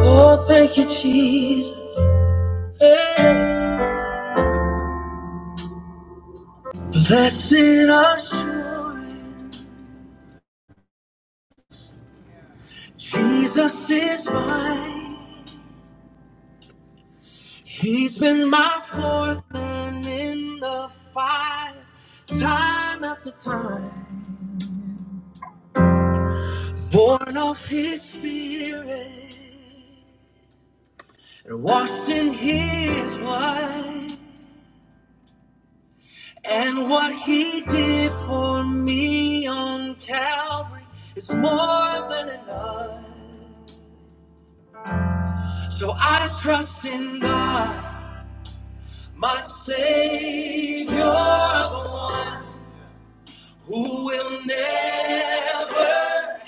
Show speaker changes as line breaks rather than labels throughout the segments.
Oh, thank you, Jesus. Hey. Blessed assurance, Jesus is mine. He's been my fourth man in the fire, time after time. Born of His Spirit and washed in His blood. And what He did for me on Calvary is more than enough. So I trust in God, my Savior, the one who will never,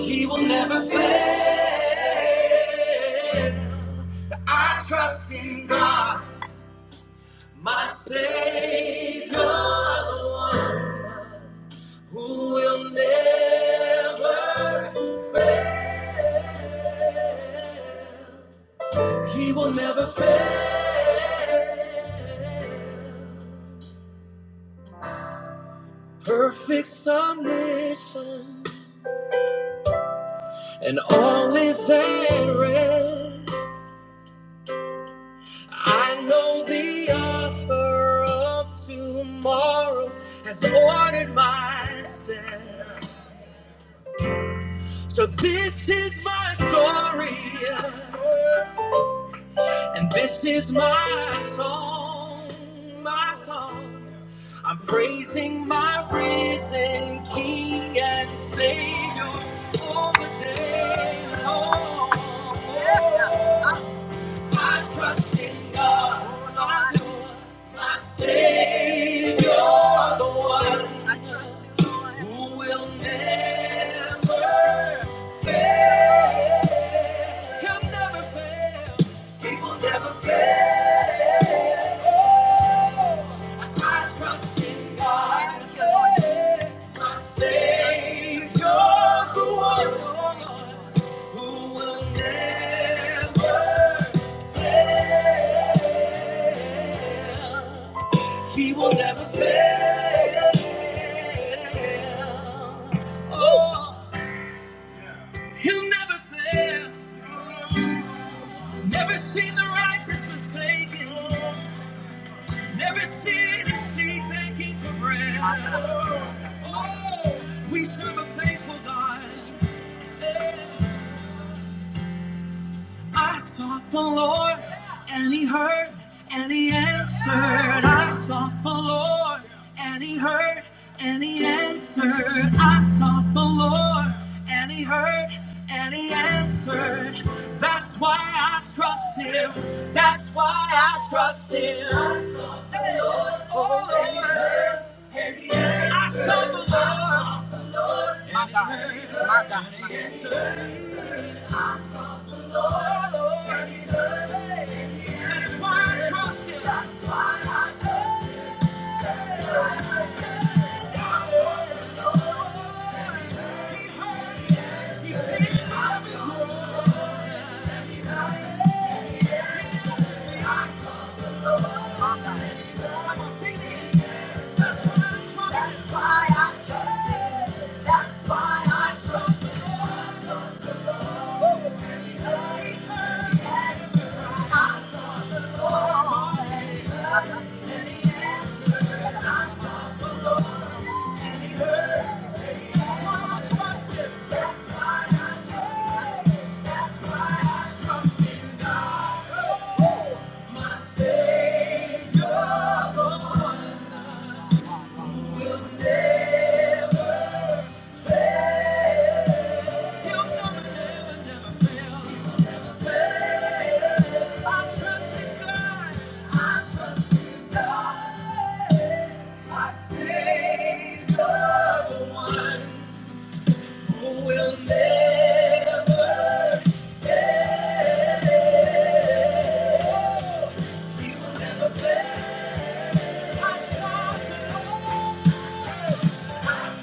he will never fail. I trust in God, my Savior, the one who will never fail. He will never fail. Perfect submission and all is at rest. I know the author of tomorrow has ordered my steps. So this is my story. And this is my song, my song. I'm praising my risen King and Savior all the day long. I trust in God, my Lord, my Savior, the one who will never, he'll never fail. He will never fail. I trust in God, my Savior, the one who will never fail. He will never fail. Oh, he'll never fail. Never seen the righteous forsaken. Never seen his seed begging for bread. Oh, we serve a faithful God. I sought the Lord, and He heard, and He answered. I sought the Lord, and He heard, and He answered. I sought the Lord, and He heard, and He answered. That's why I trust Him. That's why I trust Him. Oh Lord, I sought the Lord. My God, my God, my God. That's why I trust Him. That's why I trust Him. That's why I trust He'll never, never, never fail. I the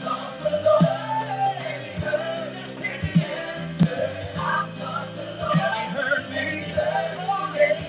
sought the Lord. and He Heard me.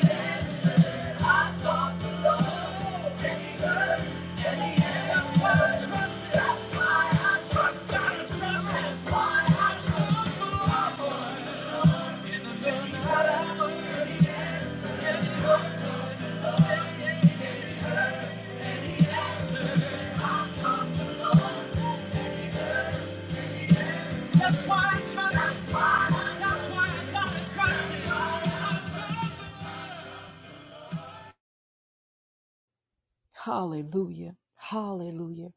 Hallelujah. Hallelujah.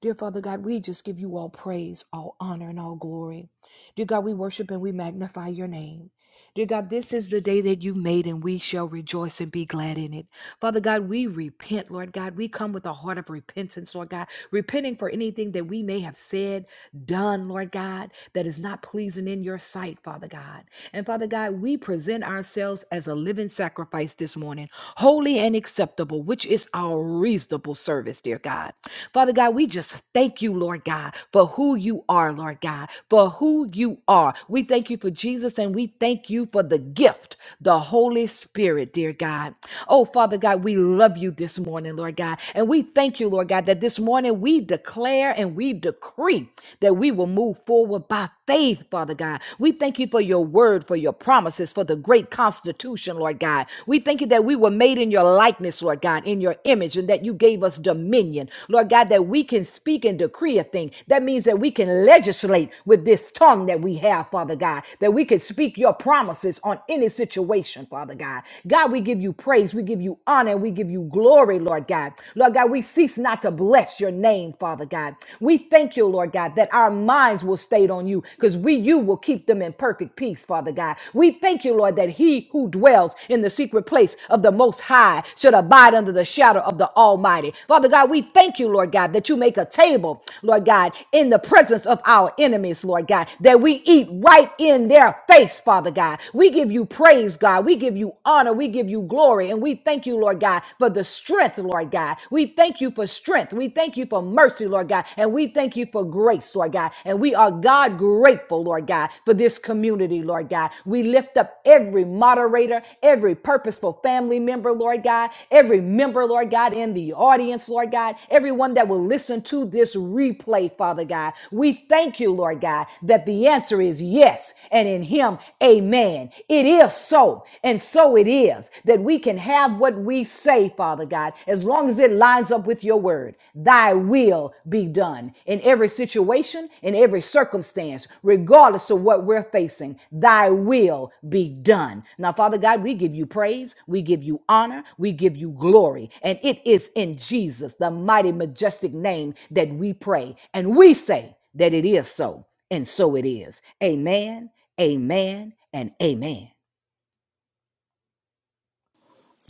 Dear Father God, we just give you all praise, all honor, and all glory. Dear God, we worship and we magnify your name. Dear God, this is the day that you've made, and we shall rejoice and be glad in it. Father God, we repent, Lord God. We come with a heart of repentance, Lord God, repenting for anything that we may have said, done, Lord God, that is not pleasing in your sight, Father God. And Father God, we present ourselves as a living sacrifice this morning, holy and acceptable, which is our reasonable service, dear God. Father God, we just thank you, Lord God, for who you are, Lord God, for who you are. We thank you for Jesus and we thank you for the gift, the Holy Spirit, dear God. Oh, Father God, we love you this morning, Lord God. And we thank you, Lord God, that this morning we declare and we decree that we will move forward forward by faith, Father God. We thank you for your word, for your promises, for the great constitution, Lord God. We thank you that we were made in your likeness, Lord God, in your image, and that you gave us dominion, Lord God, that we can speak and decree a thing. That means that we can legislate with this tongue that we have, Father God, that we can speak your promises on any situation, Father God. God, we give you praise, we give you honor, we give you glory, Lord God. Lord God, we cease not to bless your name, Father God. God. We thank you, Lord God, that our minds will stay on you because we, you will keep them in perfect peace, Father God. We thank you, Lord, that he who dwells in the secret place of the Most High should abide under the shadow of the Almighty. Father God, we thank you, Lord God, that you make a table, Lord God, in the presence of our enemies, Lord God, that we eat right in their face, Father God. We give you praise, God. We give you honor. We give you glory. And we thank you, Lord God, for the strength, Lord God. We thank you for strength. We thank you for mercy, Lord God. And we thank you for grace, Lord God. And we are God grateful, Lord God, for this community, Lord God. We lift up every moderator, every purposeful family member, Lord God, every member, Lord God, in the audience, Lord God, everyone that will listen to this replay, Father God. We thank you, Lord God, that the answer is yes. And in Him, amen. It is so. And so it is that we can can have what we say, Father God, as long as it lines up with your word. Thy will be done in every situation, in every circumstance, regardless of what we're facing. Thy will be done. Now, Father God, we give you praise, we give you honor, we give you glory. And it is in Jesus, the mighty, majestic name, that we pray. And we say that it is so. And so it is. Amen, amen, and amen.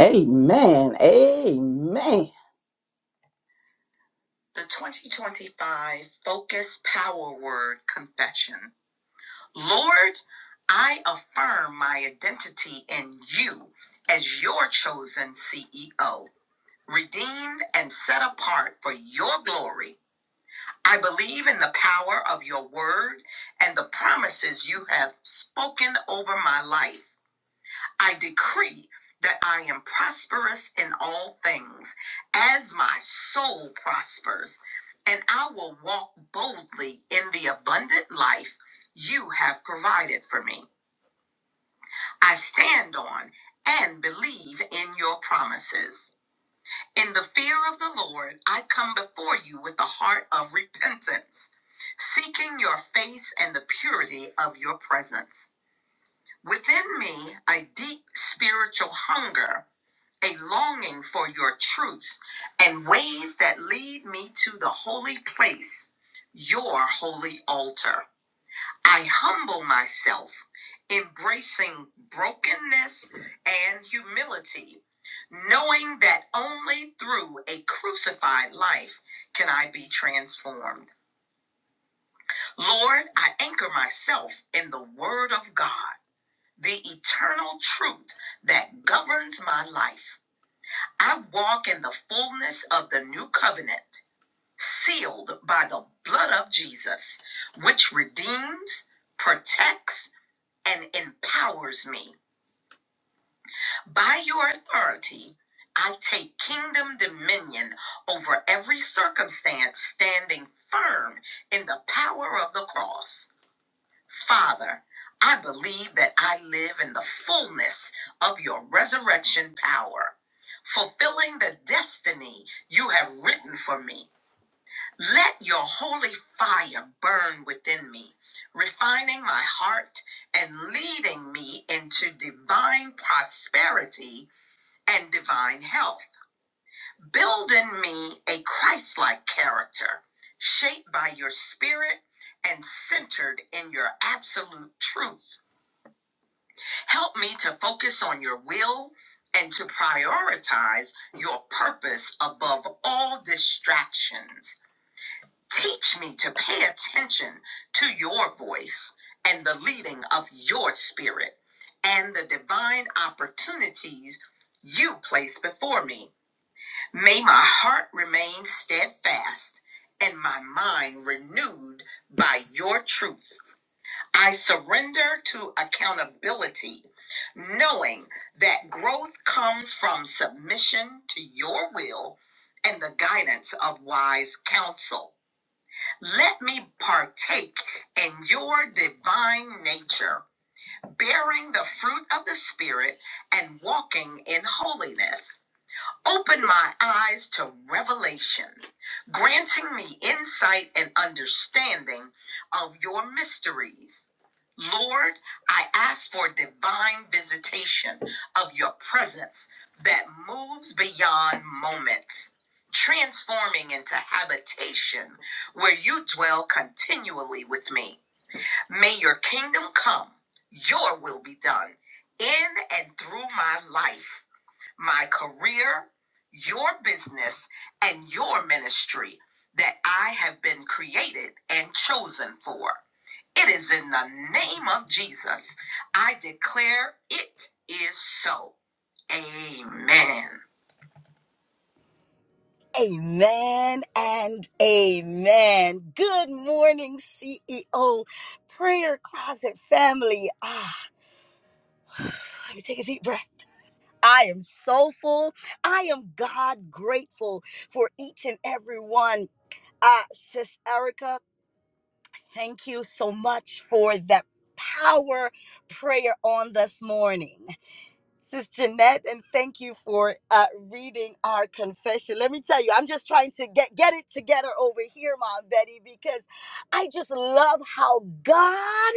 Amen. Amen. The 2025 Focus Power Word Confession. Lord, I affirm my identity in you as your chosen CEO, redeemed and set apart for your glory. I believe in the power of your word and the promises you have spoken over my life. I decree that I am prosperous in all things as my soul prospers, and I will walk boldly in the abundant life you have provided for me. I stand on and believe in your promises. In the fear of the Lord, I come before you with a heart of repentance, seeking your face and the purity of your presence. Within me, a deep spiritual hunger a longing for your truth and ways that lead me to the holy place, your holy altar. I humble myself, embracing brokenness and humility, knowing that only through a crucified life can I be transformed. Lord, I anchor myself in the Word of God, the eternal truth that governs my life. I walk in the fullness of the new covenant, sealed by the blood of Jesus, which redeems, protects, and empowers me. By your authority, I take kingdom dominion over every circumstance, standing firm in the power of the cross. Father, I believe that I live in the fullness of your resurrection power, fulfilling the destiny you have written for me. Let your holy fire burn within me, refining my heart and leading me into divine prosperity and divine health. Build in me a Christ like character, shaped by your spirit and centered in your absolute truth. Help me to focus on your will and to prioritize your purpose above all distractions. Teach me to pay attention to your voice and the leading of your spirit and the divine opportunities you place before me. May my heart remain steadfast and my mind renewed by your truth. I surrender to accountability, knowing that growth comes from submission to your will and the guidance of wise counsel. Let me partake in your divine nature, bearing the fruit of the Spirit and walking in holiness. Open my eyes to revelation, granting me insight and understanding of your mysteries. Lord, I ask for divine visitation of your presence that moves beyond moments, transforming into habitation where you dwell continually with me. May your kingdom come, your will be done in and through my life my career, your business, and your ministry that I have been created and chosen for. It is in the name of Jesus. I declare it is so. Amen.
Amen and amen. Good morning, CEO Prayer Closet family. Ah, let me take a deep breath. I am so full. I am God grateful for each and every one. Uh, Sis Erica, thank you so much for that power prayer on this morning. Sis Jeanette, and thank you for uh, reading our confession. Let me tell you, I'm just trying to get, get it together over here, Mom Betty, because I just love how God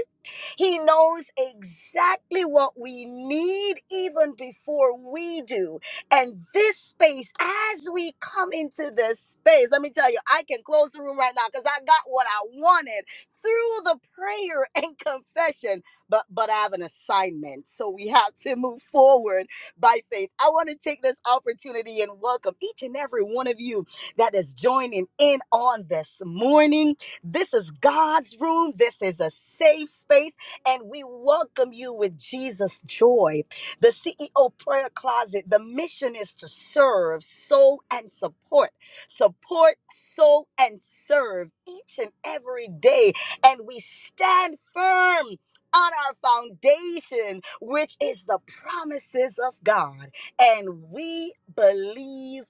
he knows exactly what we need even before we do. And this space, as we come into this space, let me tell you, I can close the room right now because I got what I wanted through the prayer and confession. But but I have an assignment. So we have to move forward by faith. I want to take this opportunity and welcome each and every one of you that is joining in on this morning. This is God's room. This is a safe space and we welcome you with Jesus' joy. The CEO Prayer Closet, the mission is to serve, soul, and support. Support, soul, and serve each and every day. And we stand firm on our foundation, which is the promises of God. And we believe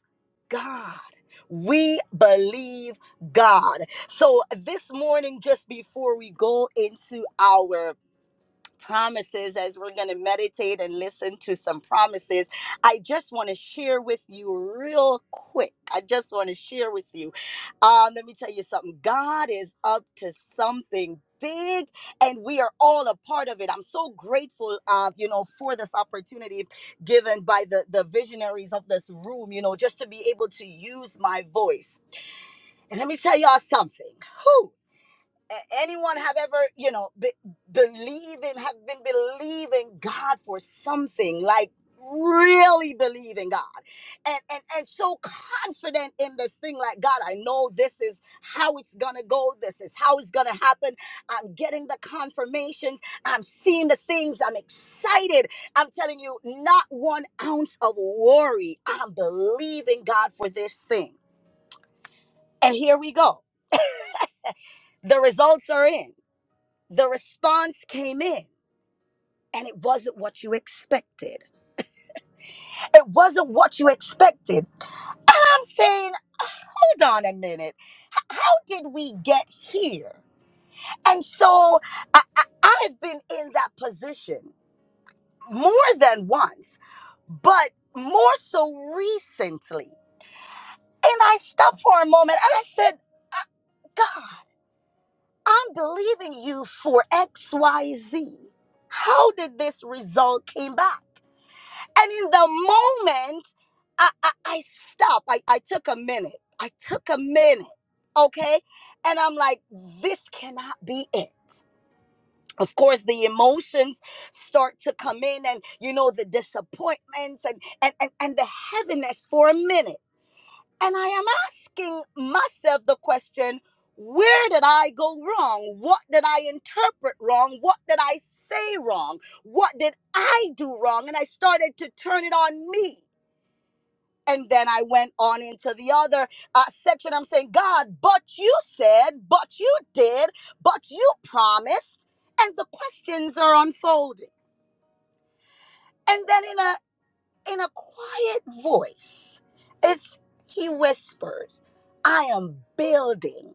God. We believe God. So this morning, just before we go into our promises as we're going to meditate and listen to some promises. I just want to share with you real quick. I just want to share with you. Um, let me tell you something. God is up to something big and we are all a part of it i'm so grateful uh you know for this opportunity given by the the visionaries of this room you know just to be able to use my voice and let me tell y'all something Whew anyone have ever you know be, believing have been believing god for something like really believing god and, and and so confident in this thing like god i know this is how it's gonna go this is how it's gonna happen i'm getting the confirmations i'm seeing the things i'm excited i'm telling you not one ounce of worry i'm believing god for this thing and here we go the results are in the response came in and it wasn't what you expected. It wasn't what you expected. And I'm saying, hold on a minute. H- how did we get here? And so I, I, I have been in that position more than once, but more so recently. And I stopped for a moment and I said, "Uh, God, I'm believing you for XYZ. How did this result came back? And in the moment, I, I, I stopped. I, I took a minute. I took a minute. Okay. And I'm like, this cannot be it. Of course, the emotions start to come in and, you know, the disappointments and, and, and, and the heaviness for a minute. And I am asking myself the question where did I go wrong? What did I interpret wrong? What did I say wrong? What did I do wrong? And I started to turn it on me and then I went on into the other uh, section. I'm saying, God, but you said, but you did, but you promised, and the questions are unfolding. And then in a in a quiet voice, it's he whispered, "I am building.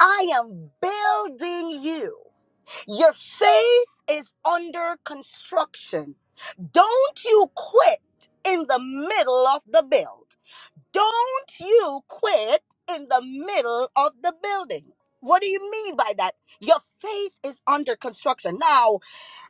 I am building you. Your faith is under construction. Don't you quit in the middle of the build." Don't you quit in the middle of the building. What do you mean by that? Your faith is under construction. Now,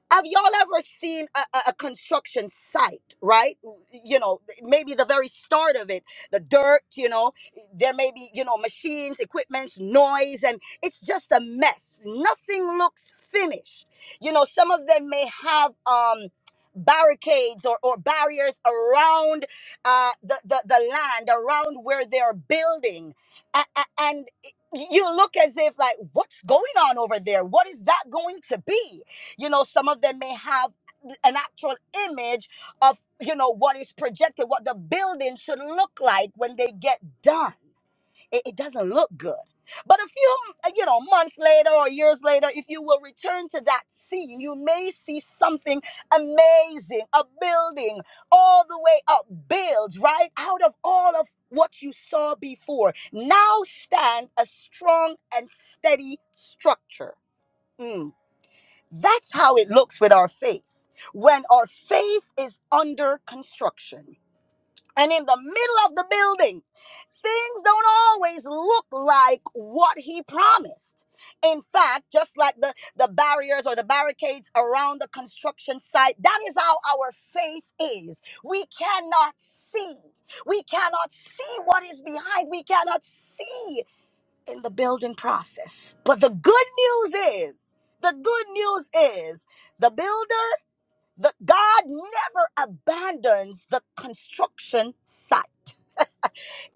have y'all ever seen a, a, a construction site, right? You know, maybe the very start of it, the dirt, you know, there may be, you know, machines, equipment, noise, and it's just a mess. Nothing looks finished. You know, some of them may have um barricades or, or barriers around uh the, the the land around where they're building A- a- and y- you look as if like what's going on over there what is that going to be you know, some of them may have an actual image of, you know, what is projected, what the building should look like when they get done. It, it doesn't look good. But a few, uh, you know, months later or years later, if you will return to that scene, you may see something amazing, a building all the way up, built right out of all of what you saw before. Now stand a strong and steady structure. Mm. That's how it looks with our faith. When our faith is under construction and in the middle of the building, things don't always look like what he promised. In fact, just like the, the barriers or the barricades around the construction site, that is how our faith is. We cannot see. We cannot see what is behind. We cannot see in the building process. But the good news is, the good news is, the builder, the God never abandons the construction site.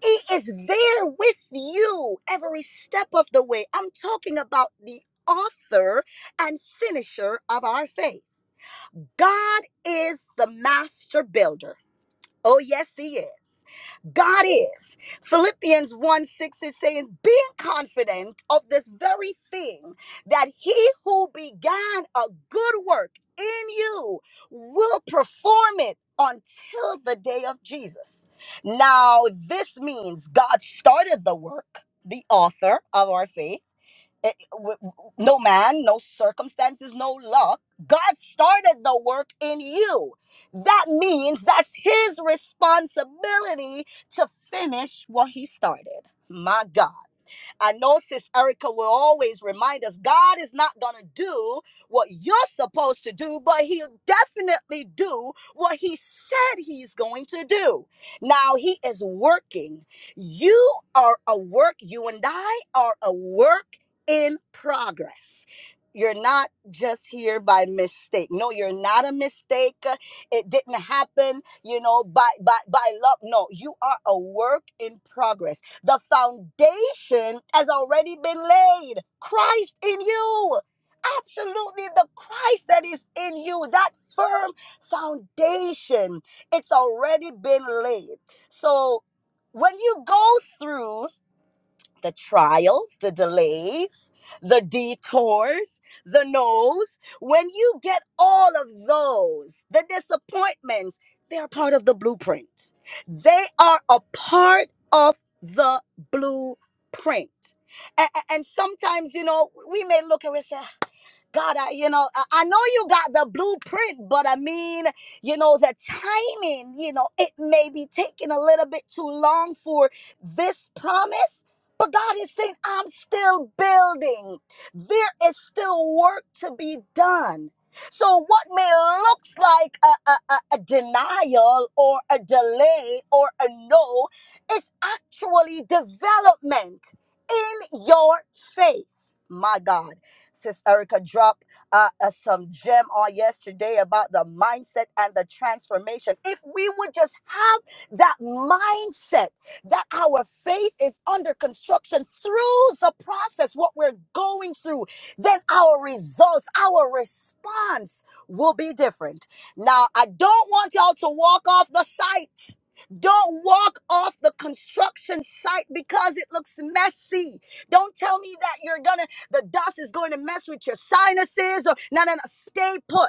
He is there with you every step of the way. I'm talking about the author and finisher of our faith. God is the master builder. Oh, yes, he is. God is. Philippians 1 6 is saying, being confident of this very thing, that he who began a good work in you will perform it until the day of Jesus. Now, this means God started the work, the author of our faith eh, w- w- no man, no circumstances, no luck. God started the work in you. That means that's his responsibility to finish what he started. My God. I know Sis Erica will always remind us God is not going to do what you're supposed to do, but He'll definitely do what He said He's going to do. Now He is working. You are a work, you and I are a work in progress. You're not just here by mistake. No, you're not a mistake. It didn't happen, you know, by by by luck. No, you are a work in progress the foundation has already been laid. Christ in you. Absolutely, the Christ that is in you, that firm foundation, it's already been laid. So when you go through the trials, the delays, the detours, the no's, when you get all of those, the disappointments, they are part of the blueprint. They are a part of the blueprint. A- a- And, sometimes, you know, we may look and we say, God, I, you know, I I know you got the blueprint, but I mean, you know, the timing, you know, it may be taking a little bit too long for this promise. But God is saying, I'm still building. There is still work to be done. So, what may looks like a, a, a, a denial or a delay or a no, it's actually development in your faith. My God. Sis Erica dropped uh, uh, some gem on yesterday about the mindset and the transformation. If we would just have that mindset that our faith is under construction through the process, what we're going through, then our results, our response will be different. Now, I don't want y'all to walk off the site. Don't walk off the construction site because it looks messy. Don't tell me that you're gonna, the dust is going to mess with your sinuses. Or, no, no, no. Stay put.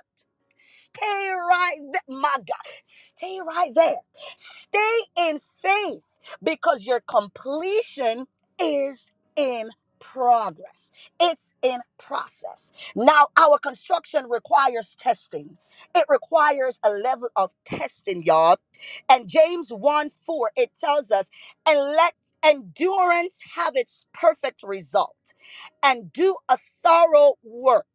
Stay right there. My God. Stay right there. Stay in faith because your completion is in progress. It's in process. Now, our construction requires testing. It requires a level of testing, y'all. And James 1 4, it tells us, and let endurance have its perfect result and do a thorough work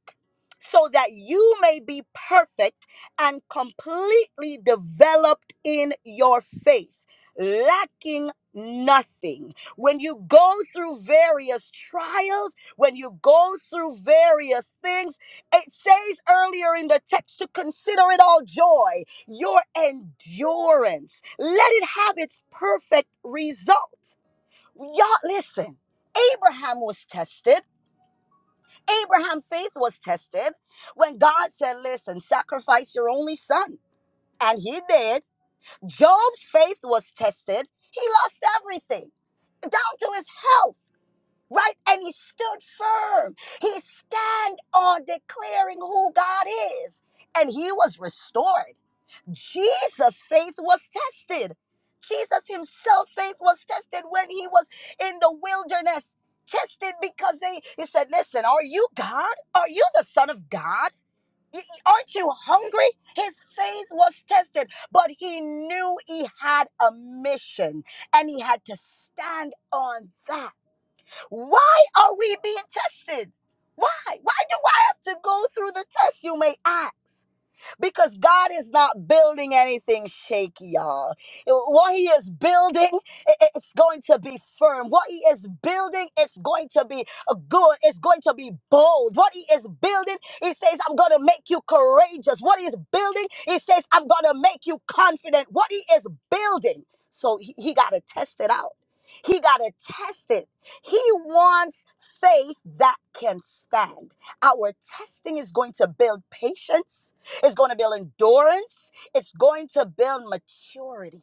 so that you may be perfect and completely developed in your faith lacking nothing when you go through various trials when you go through various things it says earlier in the text to consider it all joy your endurance let it have its perfect result Y'all, listen. Abraham was tested. Abraham's faith was tested when God said, Listen, sacrifice your only son. And he did. Job's faith was tested. He lost everything down to his health, right? And he stood firm. He stand on declaring who God is. And he was restored. Jesus' faith was tested. Jesus himself faith was tested when he was in the wilderness. Tested because they he said, "Listen, are you God? Are you the son of God? Y- y- Aren't you hungry?" His faith was tested, but he knew he had a mission and he had to stand on that. Why are we being tested? Why? Why do I have to go through the test you may ask? because God is not building anything shaky, y'all. Uh, What He is building, i- it's going to be firm. What He is building, it's going to be uh, good. It's going to be bold. What He is building, He says, I'm going to make you courageous. What He is building, He says, I'm going to make you confident. What He is building, so He, he got to test it out. He got to test it. He wants faith that can stand. Our testing is going to build patience. It's going to build endurance. It's going to build maturity.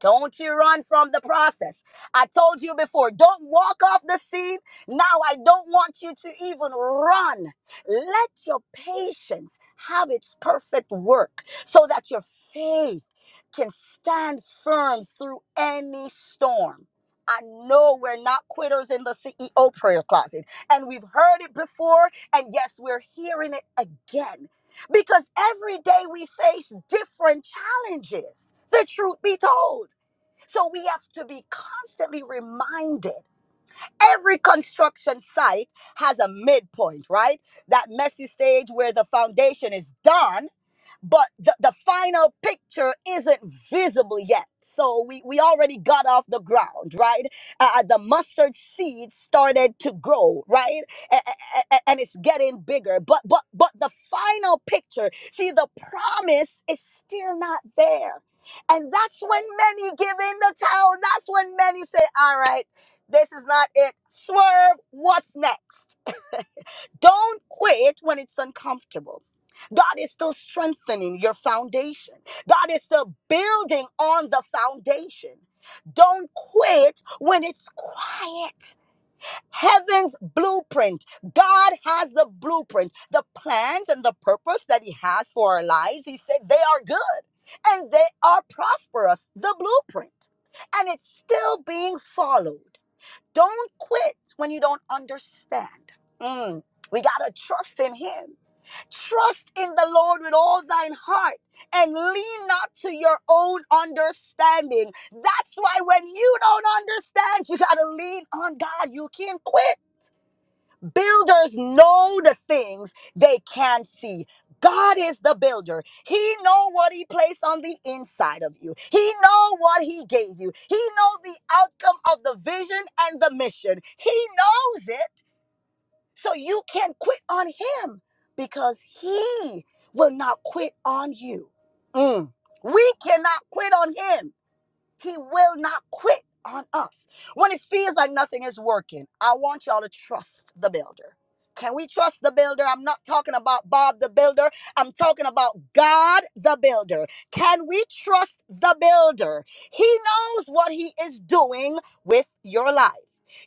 Don't you run from the process. I told you before, don't walk off the scene. Now I don't want you to even run. Let your patience have its perfect work so that your faith can stand firm through any storm. I know we're not quitters in the CEO prayer closet, and we've heard it before, and yes, we're hearing it again because every day we face different challenges. The truth be told. So we have to be constantly reminded. Every construction site has a midpoint, right? That messy stage where the foundation is done but the, the final picture isn't visible yet. So we, we already got off the ground, right? Uh, the mustard seed started to grow, right? A- a- a- and it's getting bigger. But but but the final picture, see, the promise is still not there. And that's when many give in the towel. That's when many say, all right, this is not it. Swerve, what's next? Don't quit when it's uncomfortable. God is still strengthening your foundation. God is still building on the foundation. Don't quit when it's quiet. Heaven's blueprint. God has the blueprint, the plans and the purpose that He has for our lives. He said they are good and they are prosperous, the blueprint. And it's still being followed. Don't quit when you don't understand. Mm, We got to trust in Him. Trust in the Lord with all thine heart and lean not to your own understanding. That's why when you don't understand, you got to lean on God. You can't quit. Builders know the things they can't see. God is the builder. He know what he placed on the inside of you. He know what he gave you. He know the outcome of the vision and the mission. He knows it. So you can quit on him because he will not quit on you. Mm. We cannot quit on him he will not quit on us. When it feels like nothing is working, I want y'all to trust the builder. Can we trust the builder? I'm not talking about Bob the builder. I'm talking about God the builder. Can we trust the builder? He knows what he is doing with your life.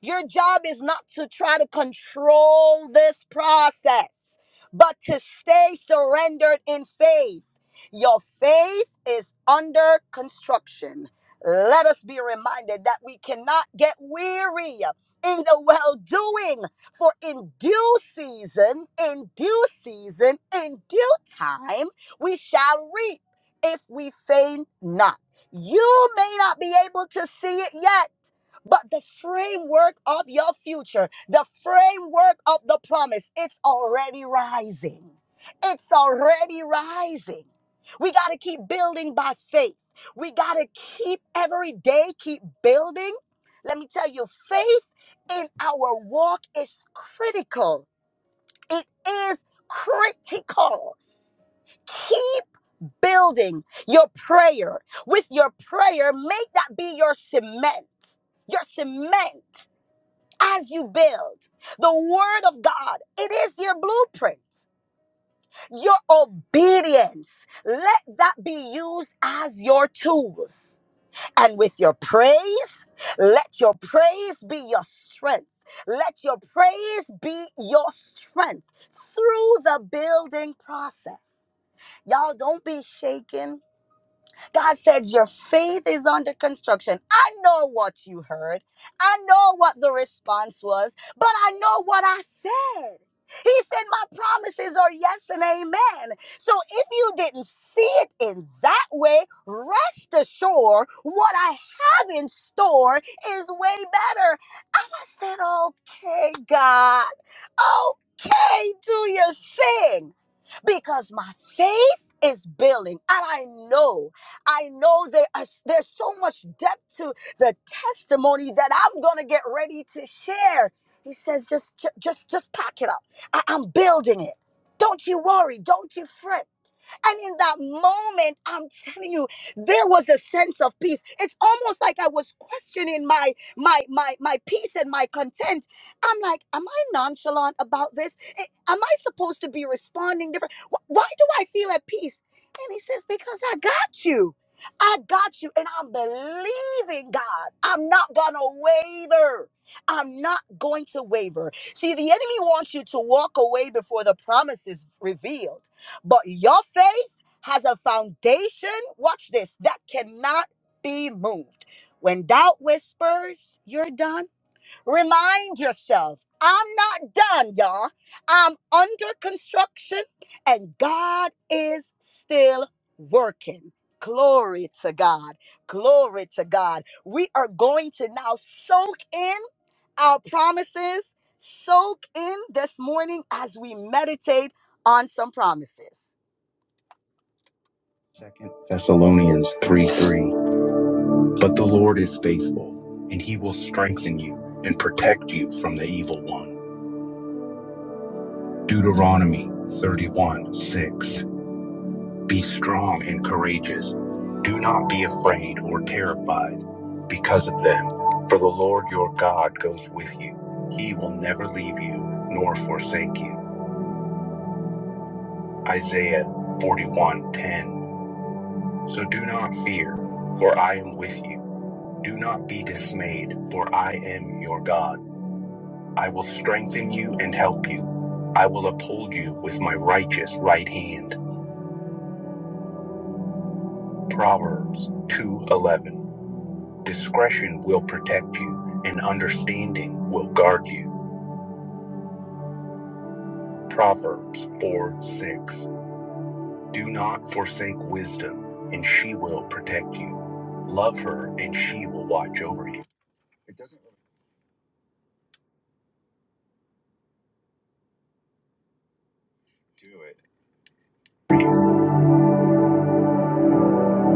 Your job is not to try to control this process, but to stay surrendered in faith. Your faith is under construction. Let us be reminded that we cannot get weary in the well doing, for in due season, in due season, in due time, we shall reap if we faint not. You may not be able to see it yet. But the framework of your future, the framework of the promise, it's already rising. It's already rising. We got to keep building by faith. We got to keep every day, keep building. Let me tell you, faith in our walk is critical. It is critical. Keep building your prayer. With your prayer, make that be your cement. Your cement as you build. The Word of God, it is your blueprint. Your obedience, let that be used as your tools and with your praise. Let your praise be your strength. Let your praise be your strength through the building process. Y'all don't be shaken. God says, Your faith is under construction. I know what you heard. I know what the response was, but I know what I said. He said, My promises are yes and amen. So if you didn't see it in that way, rest assured what I have in store is way better. And I said, Okay, God, okay, do your thing because my faith is building and I know. I know there are, there's so much depth to the testimony that I'm going to get ready to share. He says, just, ju- just, just pack it up. I- I'm building it. Don't you worry. Don't you fret. And in that moment, I'm telling you, there was a sense of peace. It's almost like I was questioning my my my my peace and my content. I'm like, am I nonchalant about this? Eh, Am I supposed to be responding different? Wh- Why do I feel at peace? And he says, because I got you. I got you, and I'm believing God. I'm not gonna waver. I'm not going to waver. See, the enemy wants you to walk away before the promise is revealed. But your faith has a foundation, watch this, that cannot be moved. When doubt whispers, you're done. Remind yourself, I'm not done, y'all. I'm under construction and God is still working. Glory to God. Glory to God. We are going to now soak in our promises, soak in this morning as we meditate on some promises. Second Thessalonians 3 3. But the Lord is faithful, and he will strengthen you and protect you from the evil one. Deuteronomy 31 6. Be strong and courageous. Do not be afraid or terrified because of them, for the Lord your God goes with you. He will never leave you nor forsake you. Isaiah 41 10. So do not fear, for I am with you. Do not be dismayed, for I am your God. I will strengthen you and help you. I will uphold you with my righteous right hand. Proverbs 2:11. Discretion will protect you, and understanding will guard you. Proverbs four six. Do not forsake wisdom, and she will protect you. Love her, and she will watch over you.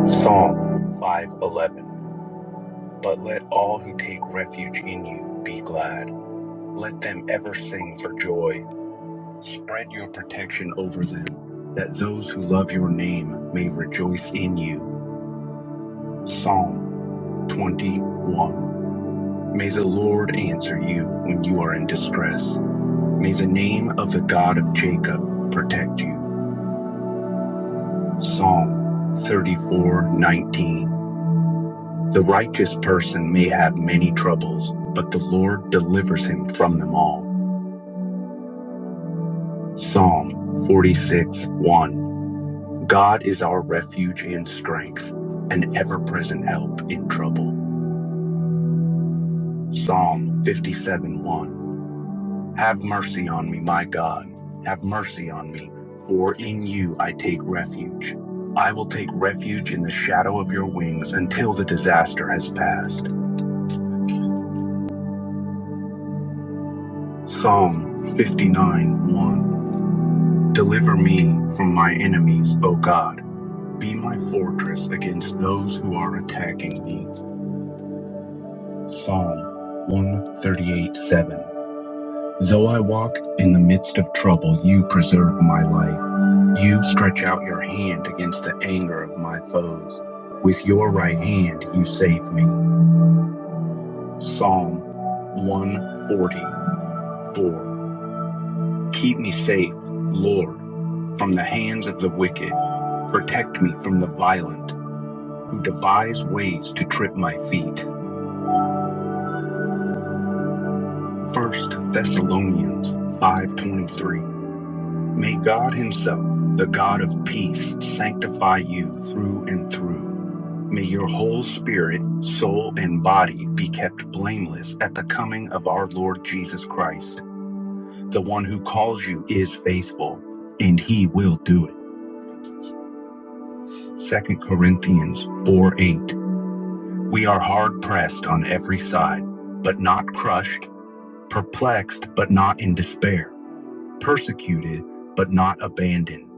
Psalm 5:11. But let all who take refuge in you be glad. Let them ever sing for joy. Spread your protection over them, that those who love your name may rejoice in you. Psalm 21. May the Lord answer you when you are in distress. May the name of the God of Jacob protect you. Psalm 34:19. The righteous person may have many troubles, but the Lord delivers him from them all. Psalm 46 1. God is our refuge and strength, an ever present help in trouble. Psalm 57 1. Have mercy on me, my God. Have mercy on me, for in you I take refuge. I will take refuge in the shadow of your wings until the disaster has passed. Psalm 59 1. Deliver me from my enemies, O God. Be my fortress against those who are attacking me. Psalm 138 7. Though I walk in the midst of trouble, you preserve my life. You stretch out your hand against the anger of my foes. With your right hand, you save me. Psalm 144. Keep me safe, Lord, from the hands of the wicked. Protect me from the violent who devise ways to trip my feet. First Thessalonians 5:23 May God Himself, the God of peace, sanctify you through and through. May your whole spirit, soul, and body be kept blameless at the coming of our Lord Jesus Christ. The one who calls you is faithful, and He will do it. Second Corinthians 4 8. We are hard pressed on every side, but not crushed, perplexed, but not in despair, persecuted, but not abandoned,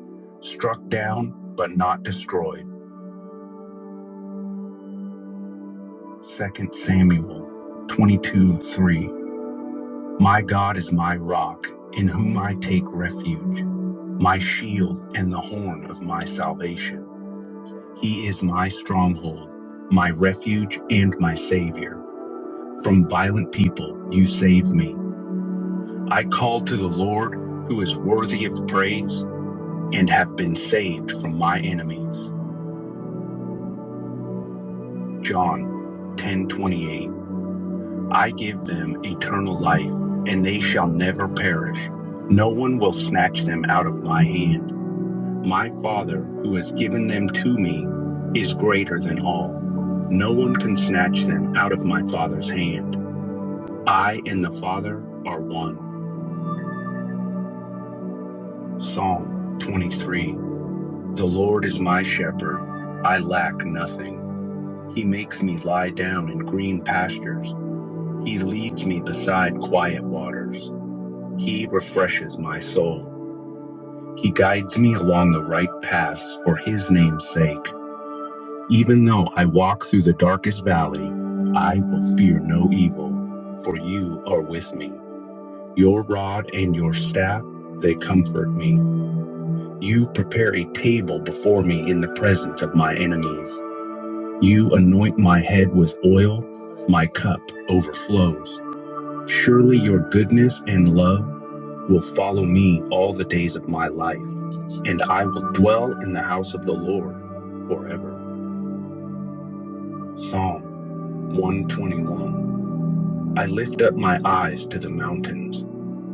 struck down, but not destroyed Second Samuel 22 3. My God is my rock, in whom I take refuge, my shield and the horn of my salvation. He is my stronghold, my refuge, and my Savior. From violent people you save me. I called to the Lord, who is worthy of praise, and have been saved from my enemies. John ten twenty eight. I give them eternal life, and they shall never perish. No one will snatch them out of my hand. My Father, who has given them to me, is greater than all. No one can snatch them out of my Father's hand. I and the Father are one. Psalm 23 The Lord is my shepherd. I lack nothing. He makes me lie down in green pastures. He leads me beside quiet waters. He refreshes my soul. He guides me along the right paths for his name's sake. Even though I walk through the darkest valley, I will fear no evil, for you are with me. Your rod and your staff, they comfort me. You prepare a table before me in the presence of my enemies. You anoint my head with oil, my cup overflows. Surely your goodness and love will follow me all the days of my life, and I will dwell in the house of the Lord forever. Psalm 121. I lift up my eyes to the mountains.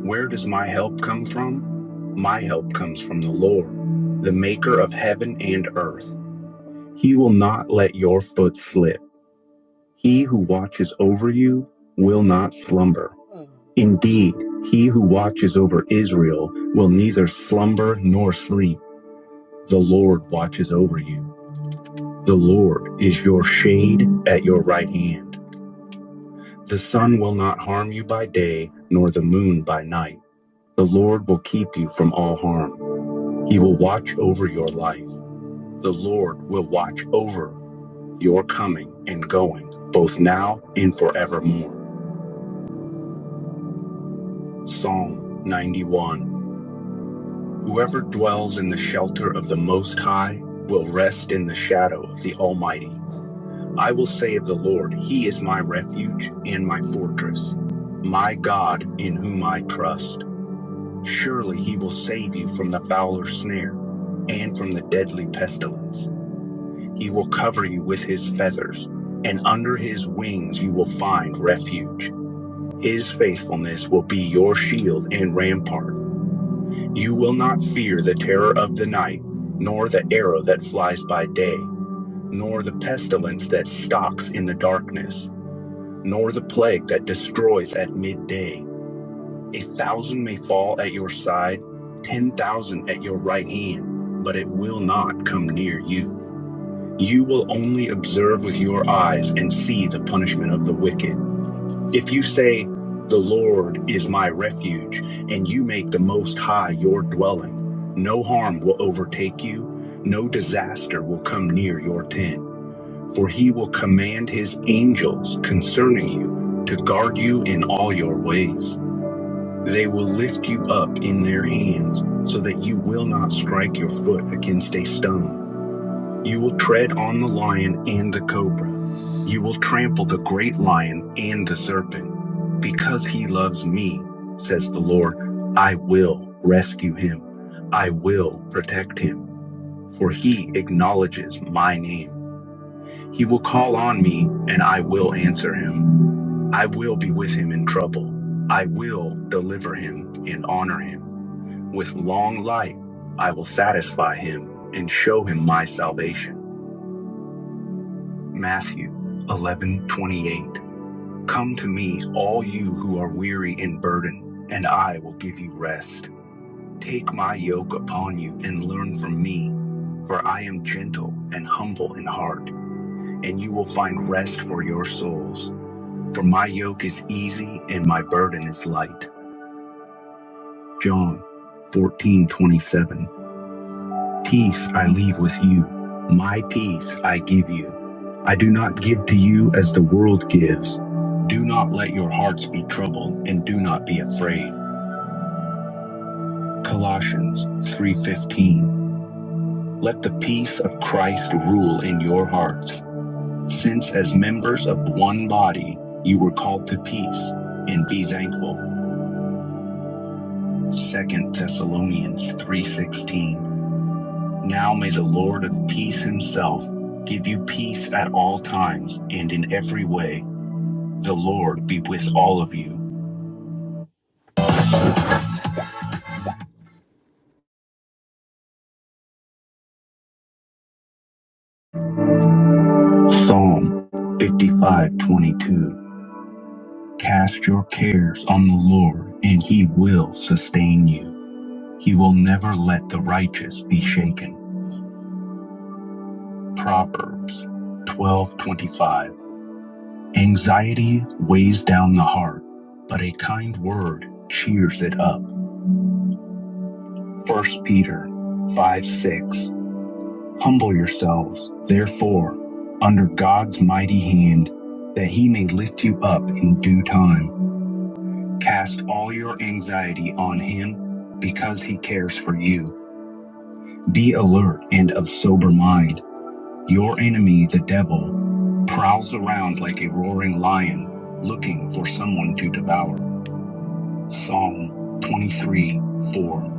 Where does my help come from? My help comes from the Lord, the maker of heaven and earth. He will not let your foot slip. He who watches over you will not slumber. Indeed, he who watches over Israel will neither slumber nor sleep. The Lord watches over you. The Lord is your shade at your right hand. The sun will not harm you by day, nor the moon by night. The Lord will keep you from all harm. He will watch over your life. The Lord will watch over your coming and going, both now and forevermore. Psalm 91 Whoever dwells in the shelter of the Most High will rest in the shadow of the Almighty. I will say of the Lord, He is my refuge and my fortress, my God in whom I trust. Surely He will save you from the fowler's snare and from the deadly pestilence. He will cover you with His feathers, and under His wings you will find refuge. His faithfulness will be your shield and rampart. You will not fear the terror of the night, nor the arrow that flies by day, nor the pestilence that stalks in the darkness, nor the plague that destroys at midday. A thousand may fall at your side, ten thousand at your right hand, but it will not come near you. You will only observe with your eyes and see the punishment of the wicked. If you say, The Lord is my refuge, and you make the Most High your dwelling, no harm will overtake you, no disaster will come near your tent. For he will command his angels concerning you to guard you in all your ways. They will lift you up in their hands so that you will not strike your foot against a stone. You will tread on the lion and the cobra. You will trample the great lion and the serpent. Because he loves me, says the Lord, I will rescue him. I will protect him, for he acknowledges my name. He will call on me, and I will answer him. I will be with him in trouble. I will deliver him and honor him. With long life, I will satisfy him and show him my salvation. Matthew 11:28. Come to me, all you who are weary and burdened, and I will give you rest. Take my yoke upon you and learn from me, for I am gentle and humble in heart, and you will find rest for your souls. For my yoke is easy and my burden is light. John 14:27. Peace I leave with you, my peace I give you. I do not give to you as the world gives. Do not let your hearts be troubled and do not be afraid. Colossians 3:15. Let the peace of Christ rule in your hearts, since as members of one body you were called to peace and be thankful. 2 Thessalonians 3:16. Now may the Lord of peace himself give you peace at all times and in every way. The Lord be with all of you. Psalm 55:22. Cast your cares on the Lord, and he will sustain you. He will never let the righteous be shaken. Proverbs 12:25. Anxiety weighs down the heart, but a kind word cheers it up. First Peter five, six. Humble yourselves, therefore, under God's mighty hand, that he may lift you up in due time. Cast all your anxiety on him because he cares for you. Be alert and of sober mind. Your enemy, the devil, prowls around like a roaring lion, looking for someone to devour. Psalm 23 4.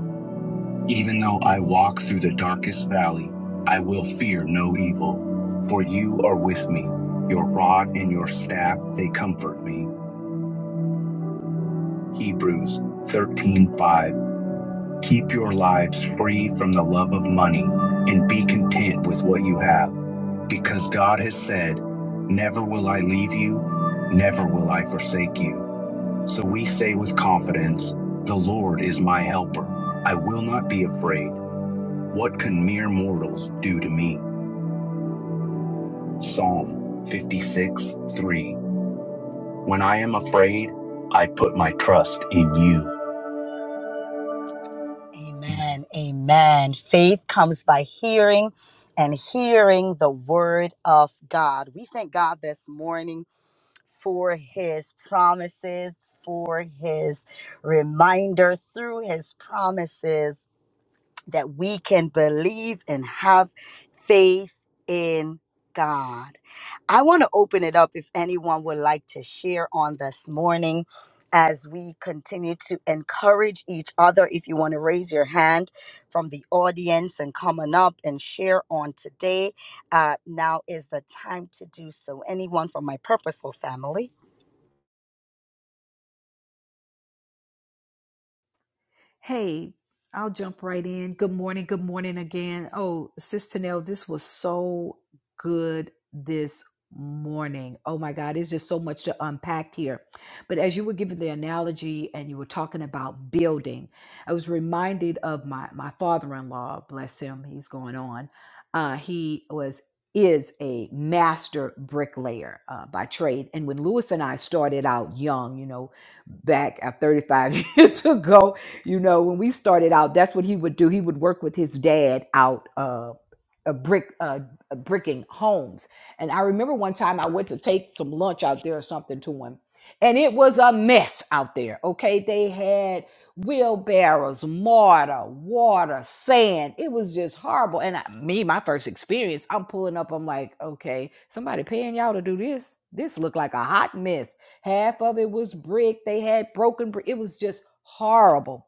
Even though I walk through the darkest valley, I will fear no evil, for you are with me. Your rod and your staff, they comfort me. Hebrews 13:5. Keep your lives free from the love of money and be content with what you have, because God has said, "Never will I leave you, never will I forsake you." So we say with confidence, "The Lord is my helper. I will not be afraid." What can mere mortals do to me? Psalm 56 3. When I am afraid, I put my trust in you. Amen. Amen. Faith comes by hearing and hearing the word of God. We thank God this morning for his promises, for his reminder through his promises. that we can believe and have faith in God. I want to open it up if anyone would like to share on this morning as we continue to encourage each other. If you want to raise your hand from the audience and coming up and share on today, uh, now is the time to do so. Anyone from my purposeful family?
Hey, I'll jump right in. Good morning. Good morning again. Oh, Sis Tanel, this was so good this morning. Oh my God, it's just so much to unpack here. But as you were giving the analogy and you were talking about building, I was reminded of my my father-in-law. Bless him, he's going on. Uh, he was is a master bricklayer uh, by trade. And when Lewis and I started out young, you know, back at 35 years ago, you know, when we started out, that's what he would do. He would work with his dad out uh, a brick uh, uh, bricking homes. And I remember one time I went to take some lunch out there or something to him, and it was a mess out there. Okay, they had wheelbarrows, mortar, water, sand. It was just horrible. And I, me, my first experience, I'm pulling up. I'm like, okay, somebody paying y'all to do this. This looked like a hot mess. Half of it was brick. They had broken brick. It was just horrible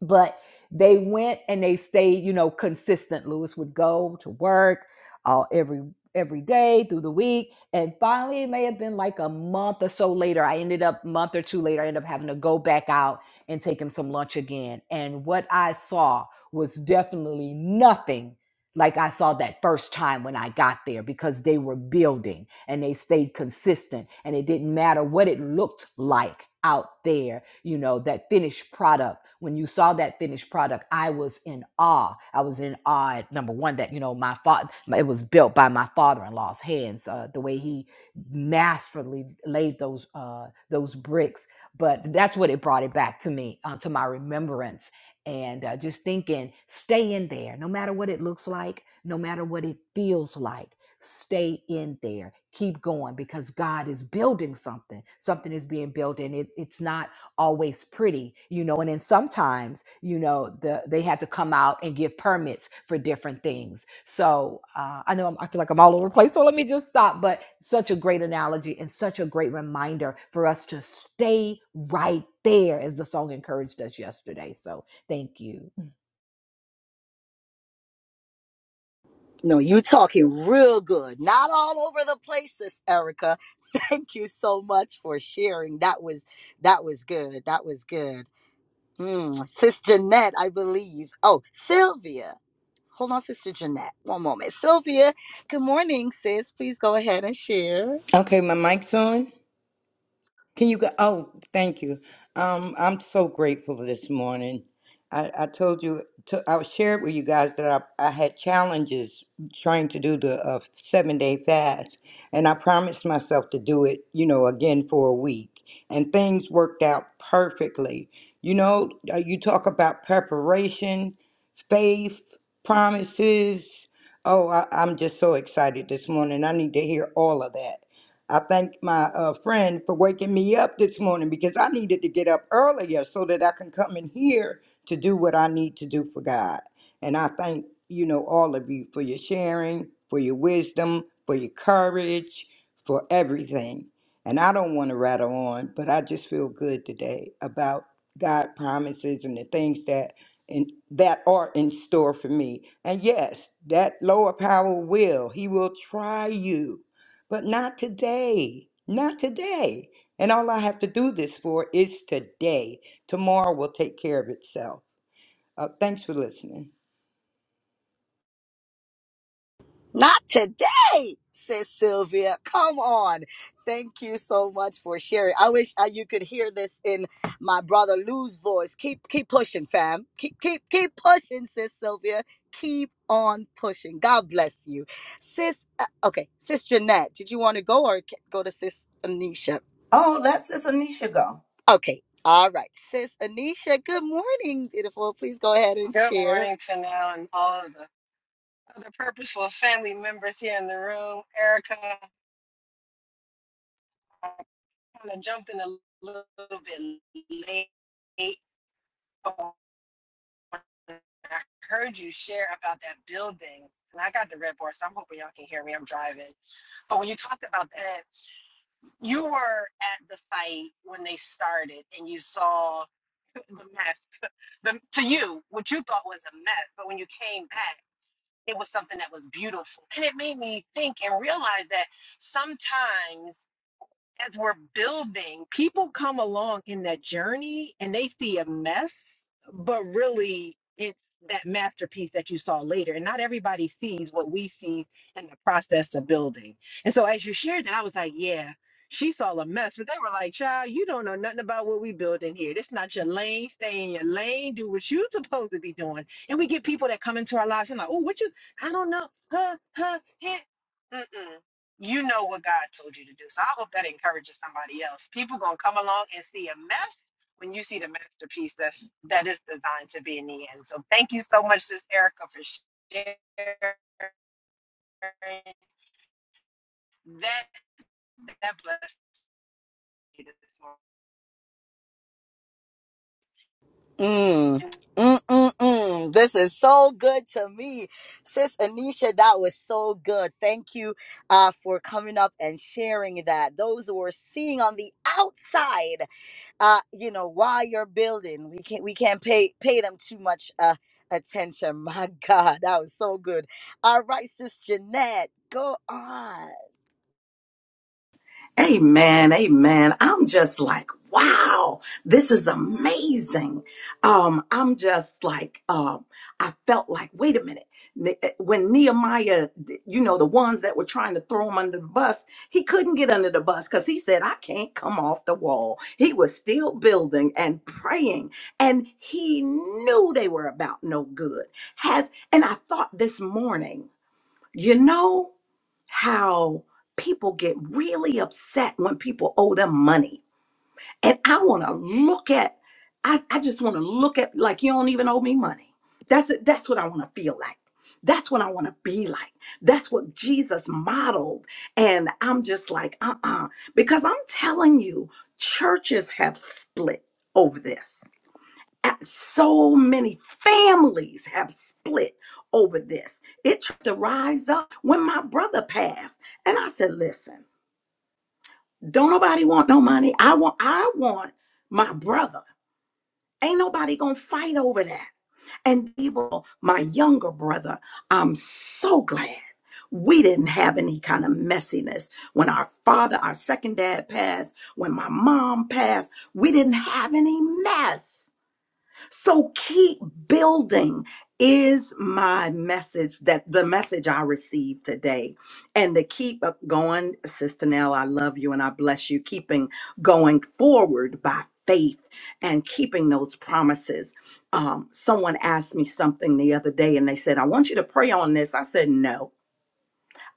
but they went and they stayed you know consistent lewis would go to work uh, every every day through the week and finally it may have been like a month or so later i ended up month or two later i ended up having to go back out and take him some lunch again and what i saw was definitely nothing like I saw that first time when I got there because they were building and they stayed consistent and it didn't matter what it looked like out there, you know, that finished product. When you saw that finished product, I was in awe. I was in awe at number one that, you know, my father, it was built by my father-in-law's hands, uh, the way he masterfully laid those, uh, those bricks. But that's what it brought it back to me, uh, to my remembrance and uh, just thinking, stay in there, no matter what it looks like, no matter what it feels like, stay in there. Keep going because God is building something. Something is being built, and it, it's not always pretty, you know. And then sometimes, you know, the they had to come out and give permits for different things. So uh, I know I'm, I feel like I'm all over the place. So let me just stop. But such a great analogy and such a great reminder for us to stay right there, as the song encouraged us yesterday. So Thank you. Mm.
No, you talking real good. Not all over the places, Erica. Thank you so much for sharing. That was that was good. That was good. Mm. Sis Jeanette, I believe. Oh, Sylvia. Hold on, Sister Jeanette. One moment. Sylvia, good morning, sis. Please go ahead and share.
Okay, my mic's on. Can you go? Oh, thank you. Um, I'm so grateful this morning. I, I told you, to, I shared with you guys that I, I had challenges trying to do the uh, seven day fast, and I promised myself to do it, you know, again for a week. And things worked out perfectly. You know, uh, you talk about preparation, faith, promises. Oh, I, I'm just so excited this morning. I need to hear all of that. I thank my uh, friend for waking me up this morning because I needed to get up earlier so that I can come in here to do what I need to do for God. And I thank, you know, all of you for your sharing, for your wisdom, for your courage, for everything. And I don't want to rattle on, but I just feel good today about God promises and the things that in, that are in store for me. And yes, that lower power will. He will try you but not today. Not today. And all I have to do this for is today. Tomorrow will take care of itself. Uh, thanks for listening.
Not today, says Sylvia. Come on. Thank you so much for sharing. I wish uh, you could hear this in my brother Lou's voice. Keep keep pushing, fam. Keep keep keep pushing, sis Sylvia. Keep on pushing. God bless you, sis. Uh, okay, sis Jeanette, did you want to go or ca- go to sis Anisha?
Oh, that's just Anisha go.
Okay, all right, sis Anisha. Good morning, beautiful. Please go ahead and
Good
share.
morning to now and all of the other purposeful family members here in the room. Erica, I kind of jumped in a little bit late. but when I heard you share about that building, and I got the red bar, so I'm hoping y'all can hear me. I'm driving. But when you talked about that, you were at the site when they started and you saw the mess. The, to you, what you thought was a mess, but when you came back, It was something that was beautiful. And it made me think and realize that sometimes as we're building, people come along in that journey and they see a mess, but really it's that masterpiece that you saw later. And not everybody sees what we see in the process of building. And so as you shared that, I was like, yeah, she saw a mess, but they were like, child, you don't know nothing about what we building here. This not your lane. Stay in your lane. Do what you supposed to be doing. And we get people that come into our lives and like, oh, what you, I don't know. Huh, huh, heh. Mm-mm. You know what God told you to do. So I hope that encourages somebody else. People gonna come along and see a mess when you see the masterpiece that's that is designed to be in the end. So thank you so much, Sis Erica, for sharing that that blessed me this
Mm,
morning.
mm, mm, mm. This is so good to me. Sis Anisha, that was so good. Thank you uh, for coming up and sharing that. Those who are seeing on the outside, uh, you know, while you're building, we can't we can't pay pay them too much uh, attention. My God, that was so good. All right, Sis Jeanette, go on.
Amen. Amen. I'm just like, wow, this is amazing. Um, I'm just like, um, I felt like, wait a minute. Ne- eh, When Nehemiah, you know, the ones that were trying to throw him under the bus, he couldn't get under the bus because he said, I can't come off the wall. He was still building and praying, and he knew they were about no good. Has and I thought this morning, you know how people get really upset when people owe them money. And I want to look at, I, I just want to look at like you don't even owe me money. That's it. That's what I want to feel like. That's what I want to be like. That's what Jesus modeled. And I'm just like, uh uh Because I'm telling you, churches have split over this at- so many families have split over this. It tried to rise up when my brother passed. And I said, listen, don't nobody want no money. I want I want my brother. Ain't nobody gonna fight over that. And people, my younger brother, I'm so glad we didn't have any kind of messiness. When our father, our second dad passed, when my mom passed, we didn't have any mess so keep building is my message that the message I received today. And to keep up going, Sister Nell, I love you and I bless you. Keeping going forward by faith and keeping those promises. Um, someone asked me something the other day and they said, I want you to pray on this. I said, no.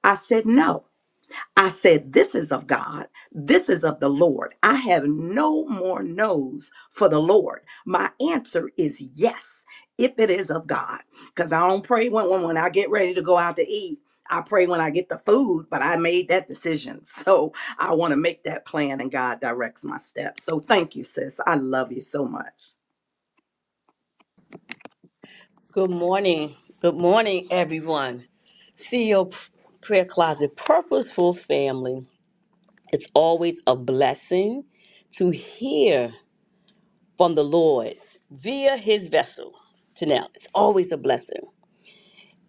I said, no. I said, This is of God. This is of the Lord. I have no more no's for the Lord. My answer is yes, if it is of God. Because I don't pray when, when, when I get ready to go out to eat. I pray when I get the food, but I made that decision. So I want to make that plan and God directs my steps. So thank you, sis. I love you so much.
Good morning. Good morning, everyone. CEO Prayer Closet Purposeful Family. It's always a blessing to hear from the Lord via his vessel. Janelle, it's always a blessing.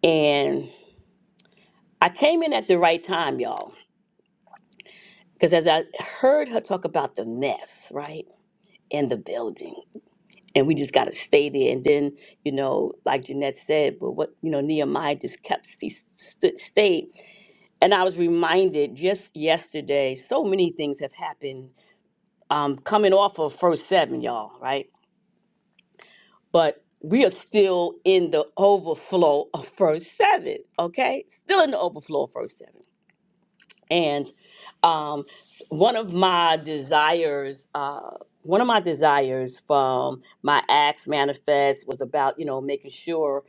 And I came in at the right time, y'all, because as I heard her talk about the mess, right, in the building, and we just got to stay there. And then, you know, like Jeanette said, but what, you know, Nehemiah just kept, he st- stayed And I was reminded just yesterday, so many things have happened um, coming off of First Seven, y'all, right? But we are still in the overflow of First Seven, okay? Still in the overflow of First Seven and um, one of my desires uh, one of my desires from my acts manifest was about you know making sure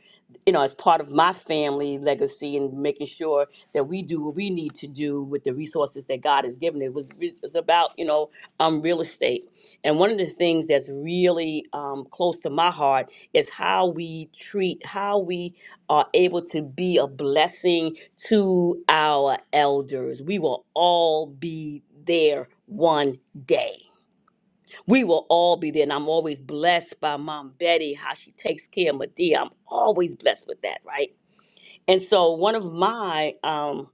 you know as part of my family legacy and making sure that we do what we need to do with the resources that god has given it was it was about you know um, real estate and one of the things that's really um, close to my heart is how we treat how we are able to be a blessing to our elders. We will all be there one day. We will all be there. And I'm always blessed by Mom Betty, how she takes care of Medea. I'm always blessed with that, right? And so one of my um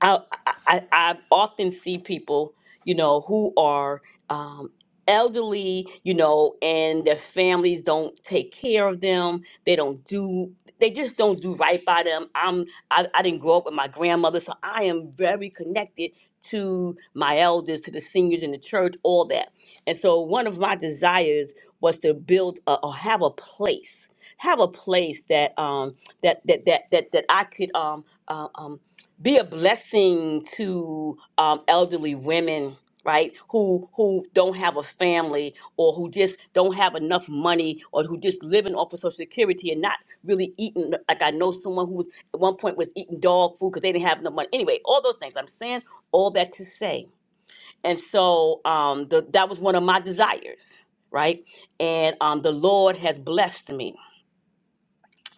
I, I, I often see people, you know, who are um, elderly, you know, and their families don't take care of them. They don't do. They just don't do right by them. I'm. I, I didn't grow up with my grandmother, so I am very connected to my elders, to the seniors in the church, all that. And so, one of my desires was to build a, or have a place, have a place that um that that that that that I could um um um be a blessing to um, elderly women right who who don't have a family or who just don't have enough money or who just living off of social security and not really eating like i know someone who was at one point was eating dog food because they didn't have enough money anyway all those things i'm saying all that to say and so um the, that was one of my desires right and um the lord has blessed me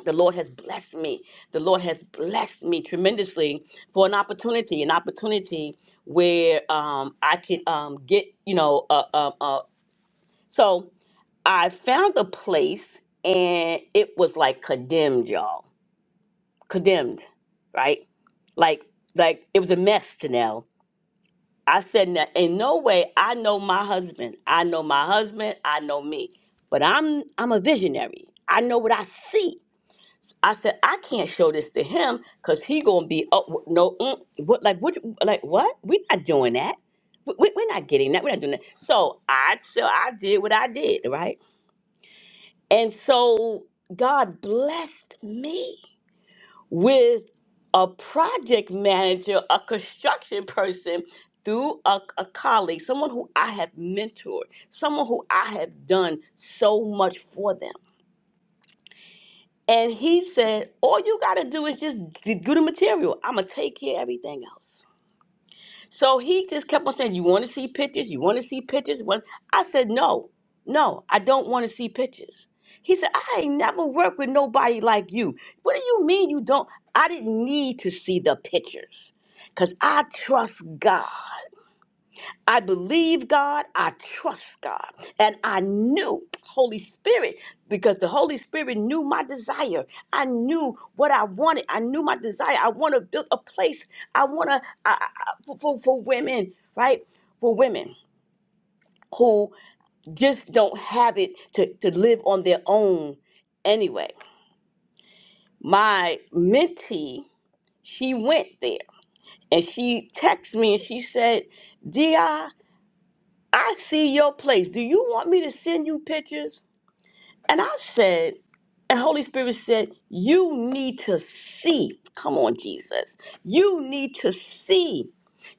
the Lord has blessed me. The Lord has blessed me tremendously for an opportunity, an opportunity where um, I could um, get, you know, uh, uh, uh. so I found a place and it was like condemned, y'all, condemned, right? Like, like it was a mess, Janelle. I said, "No- in no way, I know my husband. I know my husband. I know me, but I'm, I'm a visionary. I know what I see. I said, I can't show this to him because he gonna be oh no mm, what like what you- like what we're not doing that we, we- we're not getting that we're not doing that so I so I did what I did right and so God blessed me with a project manager a construction person through a, a colleague someone who I have mentored someone who I have done so much for them And he said, All you got to do is just d- do the material. I'm going to take care of everything else. So he just kept on saying, You want to see pictures? You want to see pictures? What- I said, No, no, I don't want to see pictures. He said, I ain't never worked with nobody like you. What do you mean you don't? I didn't need to see the pictures because I trust God. I believe God, I trust God, and I knew Holy Spirit because the Holy Spirit knew my desire. I knew what I wanted. I knew my desire. I want to build a place. I want to I, I, I- for, for for women, right? For women who just don't have it to, to live on their own anyway. My mentee, she went there and she texted me and she said, "Di." I see your place. Do you want me to send you pictures? And I said, and Holy Spirit said, You need to see. Come on, Jesus. You need to see.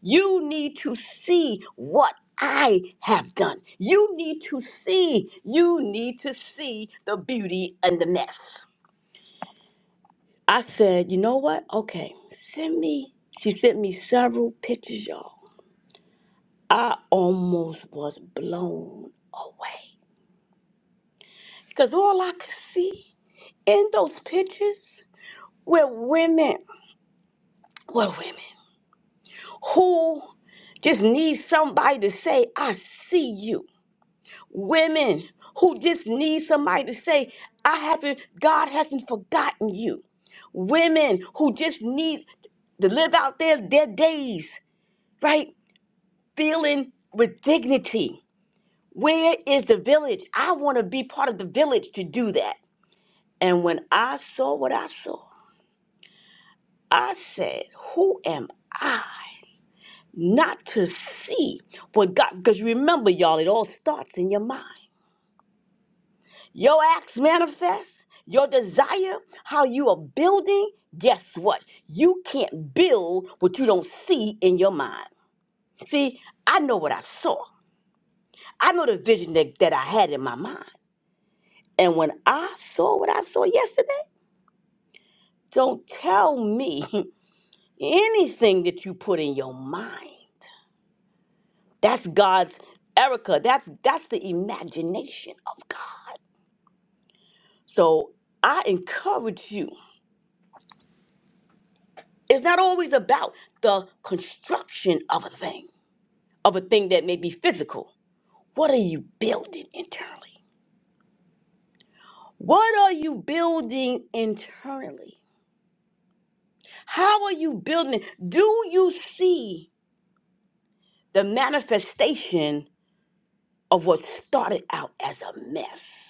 You need to see what I have done. You need to see. You need to see the beauty and the mess. I said, You know what? Okay, send me. She sent me several pictures, y'all. I almost was blown away. Because all I could see in those pictures were women, were women who just need somebody to say, I see you. Women who just need somebody to say, I haven't, God hasn't forgotten you. Women who just need to live out their, their days, right? Feeling with dignity. Where is the village? I want to be part of the village to do that. And when I saw what I saw, I said, Who am I not to see what God? Because remember, y'all, it all starts in your mind. Your acts manifest, your desire, how you are building. Guess what? You can't build what you don't see in your mind. See, I know what I saw, I know the vision that, that I had in my mind. And when I saw what I saw yesterday, don't tell me anything that you put in your mind. That's God's Erica. That's that's the imagination of God. So I encourage you. It's not always about the construction of a thing, of a thing that may be physical. What are you building internally? What are you building internally? How are you building? it? Do you see the manifestation of what started out as a mess?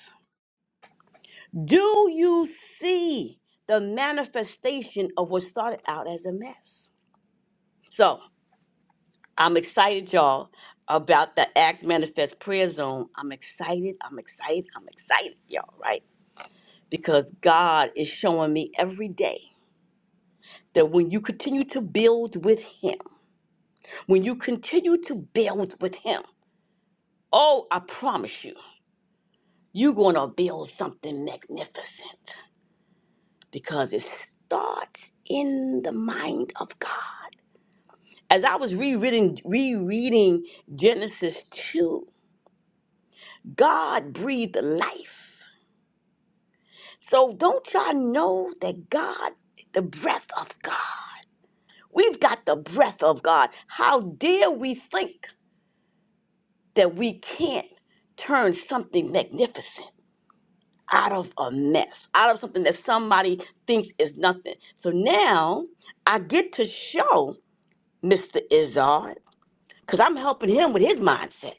Do you see the manifestation of what started out as a mess? So I'm excited, y'all, about the Acts Manifest Prayer Zone. I'm excited, I'm excited, I'm excited, y'all, right? Because God is showing me every day that when you continue to build with Him, when you continue to build with Him, oh, I promise you, you're going to build something magnificent because it starts in the mind of God. As I was rereading, rereading Genesis 2, God breathed life. So don't y'all know that God, the breath of God, we've got the breath of God. How dare we think that we can't turn something magnificent out of a mess, out of something that somebody thinks is nothing. So now I get to show Mr. Izzard, because I'm helping him with his mindset.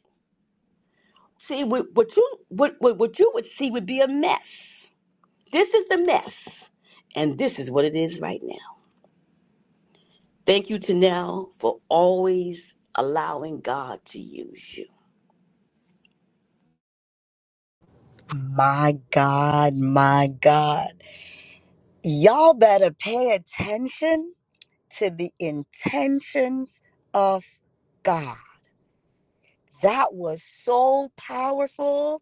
See, what, what you what, what what you would see would be a mess. This is the mess, and this is what it is right now. Thank you, Tanel, for always allowing God to use you.
My God, my God. Y'all better pay attention to the intentions of God. That was so powerful,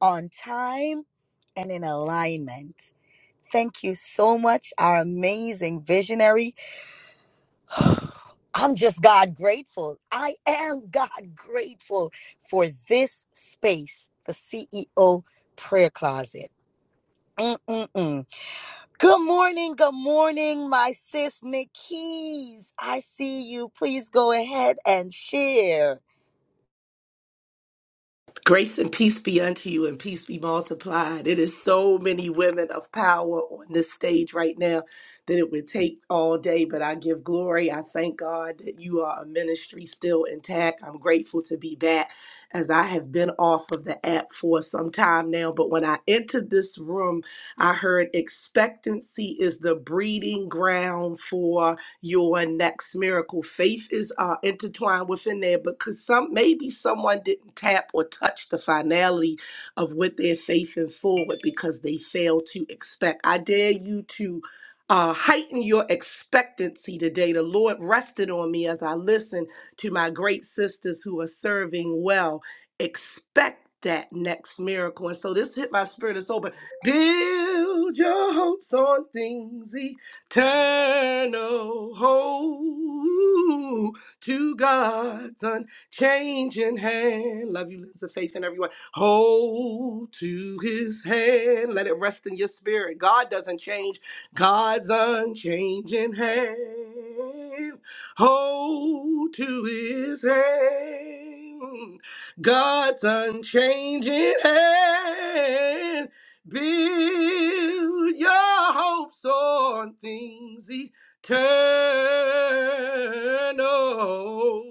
on time, and in alignment. Thank you so much, our amazing visionary. I'm just God grateful. I am God grateful for this space, the CEO prayer closet. Mm-mm-mm. Good morning, good morning, my sis Nikki's. I see you. Please go ahead and share.
Grace and peace be unto you, and peace be multiplied. It is so many women of power on this stage right now that it would take all day, but I give glory. I thank God that you are a ministry still intact. I'm grateful to be back as I have been off of the app for some time now. But when I entered this room, I heard expectancy is the breeding ground for your next miracle. Faith is uh, intertwined within there because some maybe someone didn't tap or touch the finality of what their faith in forward because they failed to expect. I dare you to uh, heighten your expectancy today. The Lord rested on me as I listened to my great sisters who are serving well. Expect that next miracle. And so this hit my spirit and soul, but build your hopes on things. Turn, oh, oh, to God's unchanging hand. Love you, Liz of Faith, and everyone. Hold to his hand. Let it rest in your spirit. God doesn't change. God's unchanging hand. Hold to his hand. God's unchanging hand. Build your hopes on things eternal.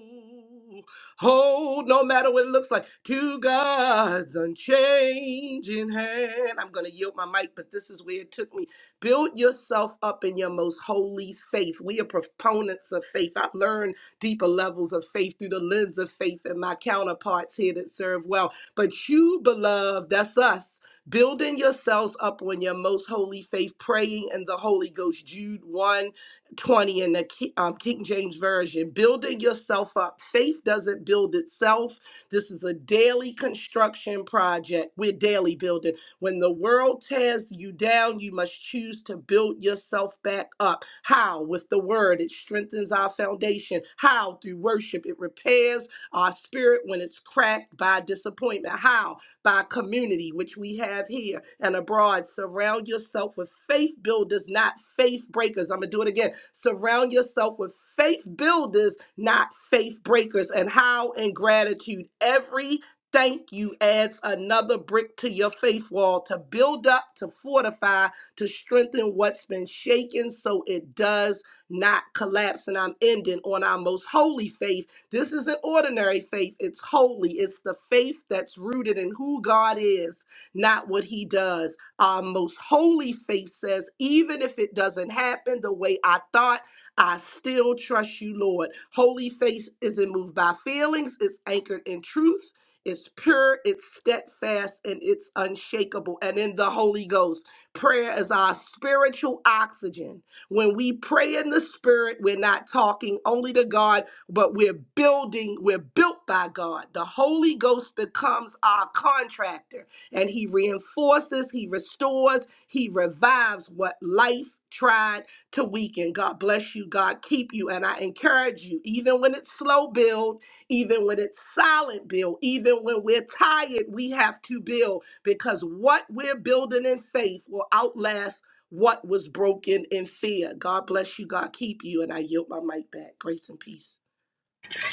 Hold no matter what it looks like to God's unchanging hand. I'm going to yield my mic, but this is where it took me. Build yourself up in your most holy faith. We are proponents of faith. I've learned deeper levels of faith through the lens of faith and my counterparts here that serve well. But you, beloved, that's us building yourselves up on your most holy faith, praying in the Holy Ghost, Jude one 20 in the Ki- um, King James Version, building yourself up. Faith doesn't build itself. This is a daily construction project. We're daily building. When the world tears you down, you must choose to build yourself back up. How? With the word. It strengthens our foundation. How? Through worship. It repairs our spirit when it's cracked by disappointment. How? by community, which we have here and abroad. Surround yourself with faith builders, not faith breakers. I'm going to do it again. Surround yourself with faith builders, not faith breakers. And how in gratitude, every thank you adds another brick to your faith wall to build up, to fortify, to strengthen what's been shaken so it does not collapse. And I'm ending on our most holy faith this isn't ordinary faith, it's holy. It's the faith that's rooted in who God is, not what he does. Our most holy faith says, even if it doesn't happen the way I thought, I still trust you, Lord. Holy faith isn't moved by feelings, it's anchored in truth. It's pure, it's steadfast, and it's unshakable. And in the Holy Ghost, prayer is our spiritual oxygen. When we pray in the Spirit, we're not talking only to God but we're building, we're built by God. The Holy Ghost becomes our contractor and he reinforces, he restores, he revives what life tried to weaken. God bless you, God keep you. And I encourage you, even when it's slow build, even when it's silent build, even when we're tired, we have to build because what we're building in faith will outlast what was broken in fear. God bless you. God keep you. And I yield my mic back. Grace and peace.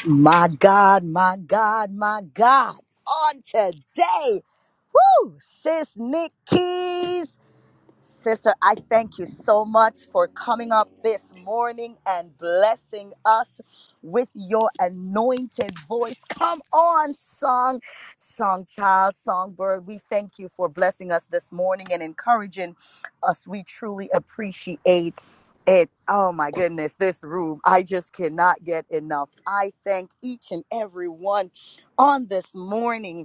My God, my God, my God. On today, woo, sis Nick Keys. Sister, I thank you so much for coming up this morning and blessing us with your anointed voice. Come on, song, song child, songbird. We thank you for blessing us this morning and encouraging us. We truly appreciate it. Oh my goodness, this room. I just cannot get enough. I thank each and every one on this morning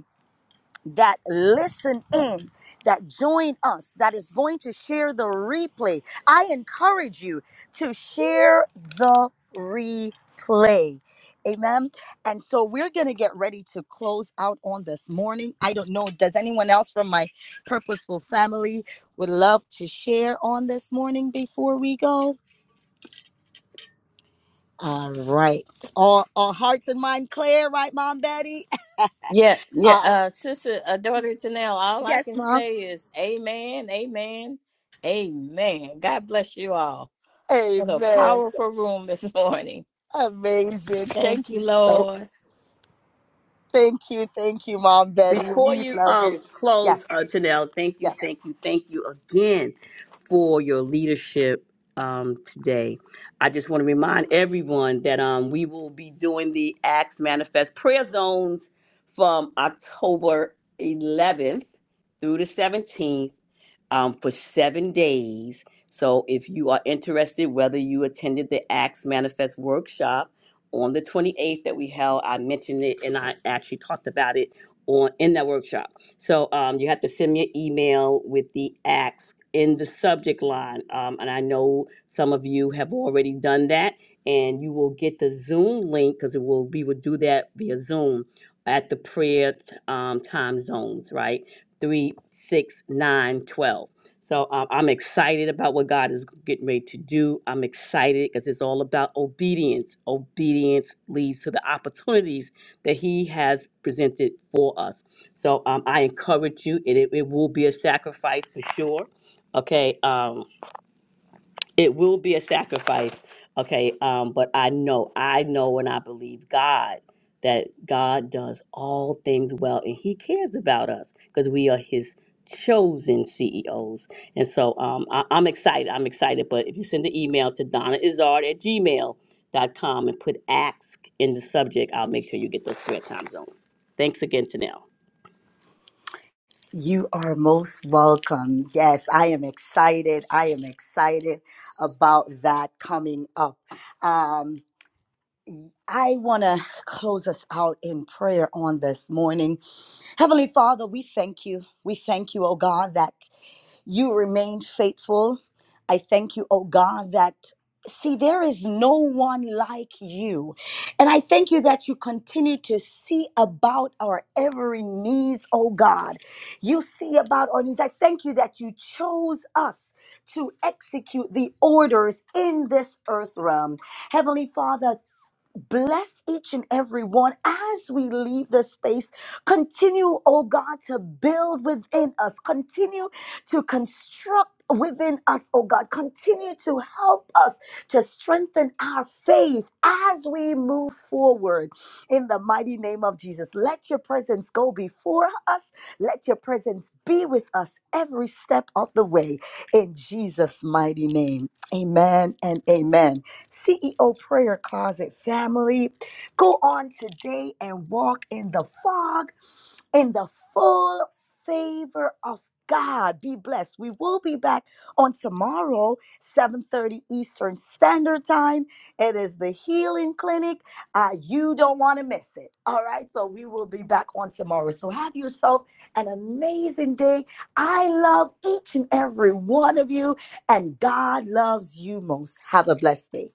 that listen in, that join us, that is going to share the replay. I encourage you to share the replay. Amen. And so we're going to get ready to close out on this morning. I don't know. Does anyone else from my purposeful family would love to share on this morning before we go? All right. All, all hearts and mind clear, right, Mom Betty?
Yeah, yeah,
Uh,
uh, sister, uh, daughter Janelle, all I
yes,
can
Mom.
say is amen, amen, amen. God bless you all. What a
Amen.
powerful room this morning.
Amazing.
Thank
Thank you
you,
so
Lord.
thank you. Thank you, Mom Betty.
Before
We
you
love
um
you.
close, uh,
Yes.
Janelle, thank you,
Yes.
thank you, thank you again for your leadership um today. I just want to remind everyone that um we will be doing the Acts Manifest Prayer Zones from October 11th through the 17th um, for seven days. So if you are interested, whether you attended the Acts Manifest workshop on the 28th that we held, I mentioned it and I actually talked about it on in that workshop. So um, you have to send me an email with the Acts in the subject line. Um, and I know some of you have already done that and you will get the Zoom link because it will we will do that via Zoom at the prayer um, time zones, right? three, six, nine, twelve. So um, I'm excited about what God is getting ready to do. I'm excited because it's all about obedience. Obedience leads to the opportunities that He has presented for us. So um, I encourage you. It, it, it will be a sacrifice for sure. Okay. Um, it will be a sacrifice okay um but i know i know and i believe god that god does all things well and he cares about us because we are his chosen ceos and so um I, i'm excited i'm excited but if you send the email to donna izard at gmail dot com and put ask in the subject i'll make sure you get those prayer time zones thanks again to
You are most welcome. Yes, I am excited. I am excited about that coming up. Um, I want to close us out in prayer on this morning. Heavenly Father, we thank you. We thank you, oh God, that you remain faithful. I thank you, oh God, that see, there is no one like you. And I thank you that you continue to see about our every needs, oh God. You see about our needs. I thank you that you chose us to execute the orders in this earth realm. Heavenly Father, Bless each and every one as we leave the space. Continue, oh God, to build within us. Continue to construct within us, oh God. Continue to help us to strengthen our faith as we move forward in the mighty name of Jesus. Let your presence go before us. Let your presence be with us every step of the way in Jesus' mighty name. Amen and amen. CEO Prayer Closet family. Go on today and walk in the fog, in the full favor of God. Be blessed. We will be back on tomorrow, 7:30 Eastern Standard Time. It is the Healing Clinic. Uh, you don't want to miss it. All right. So we will be back on tomorrow. So have yourself an amazing day. I love each and every one of you, and God loves you most. Have a blessed day.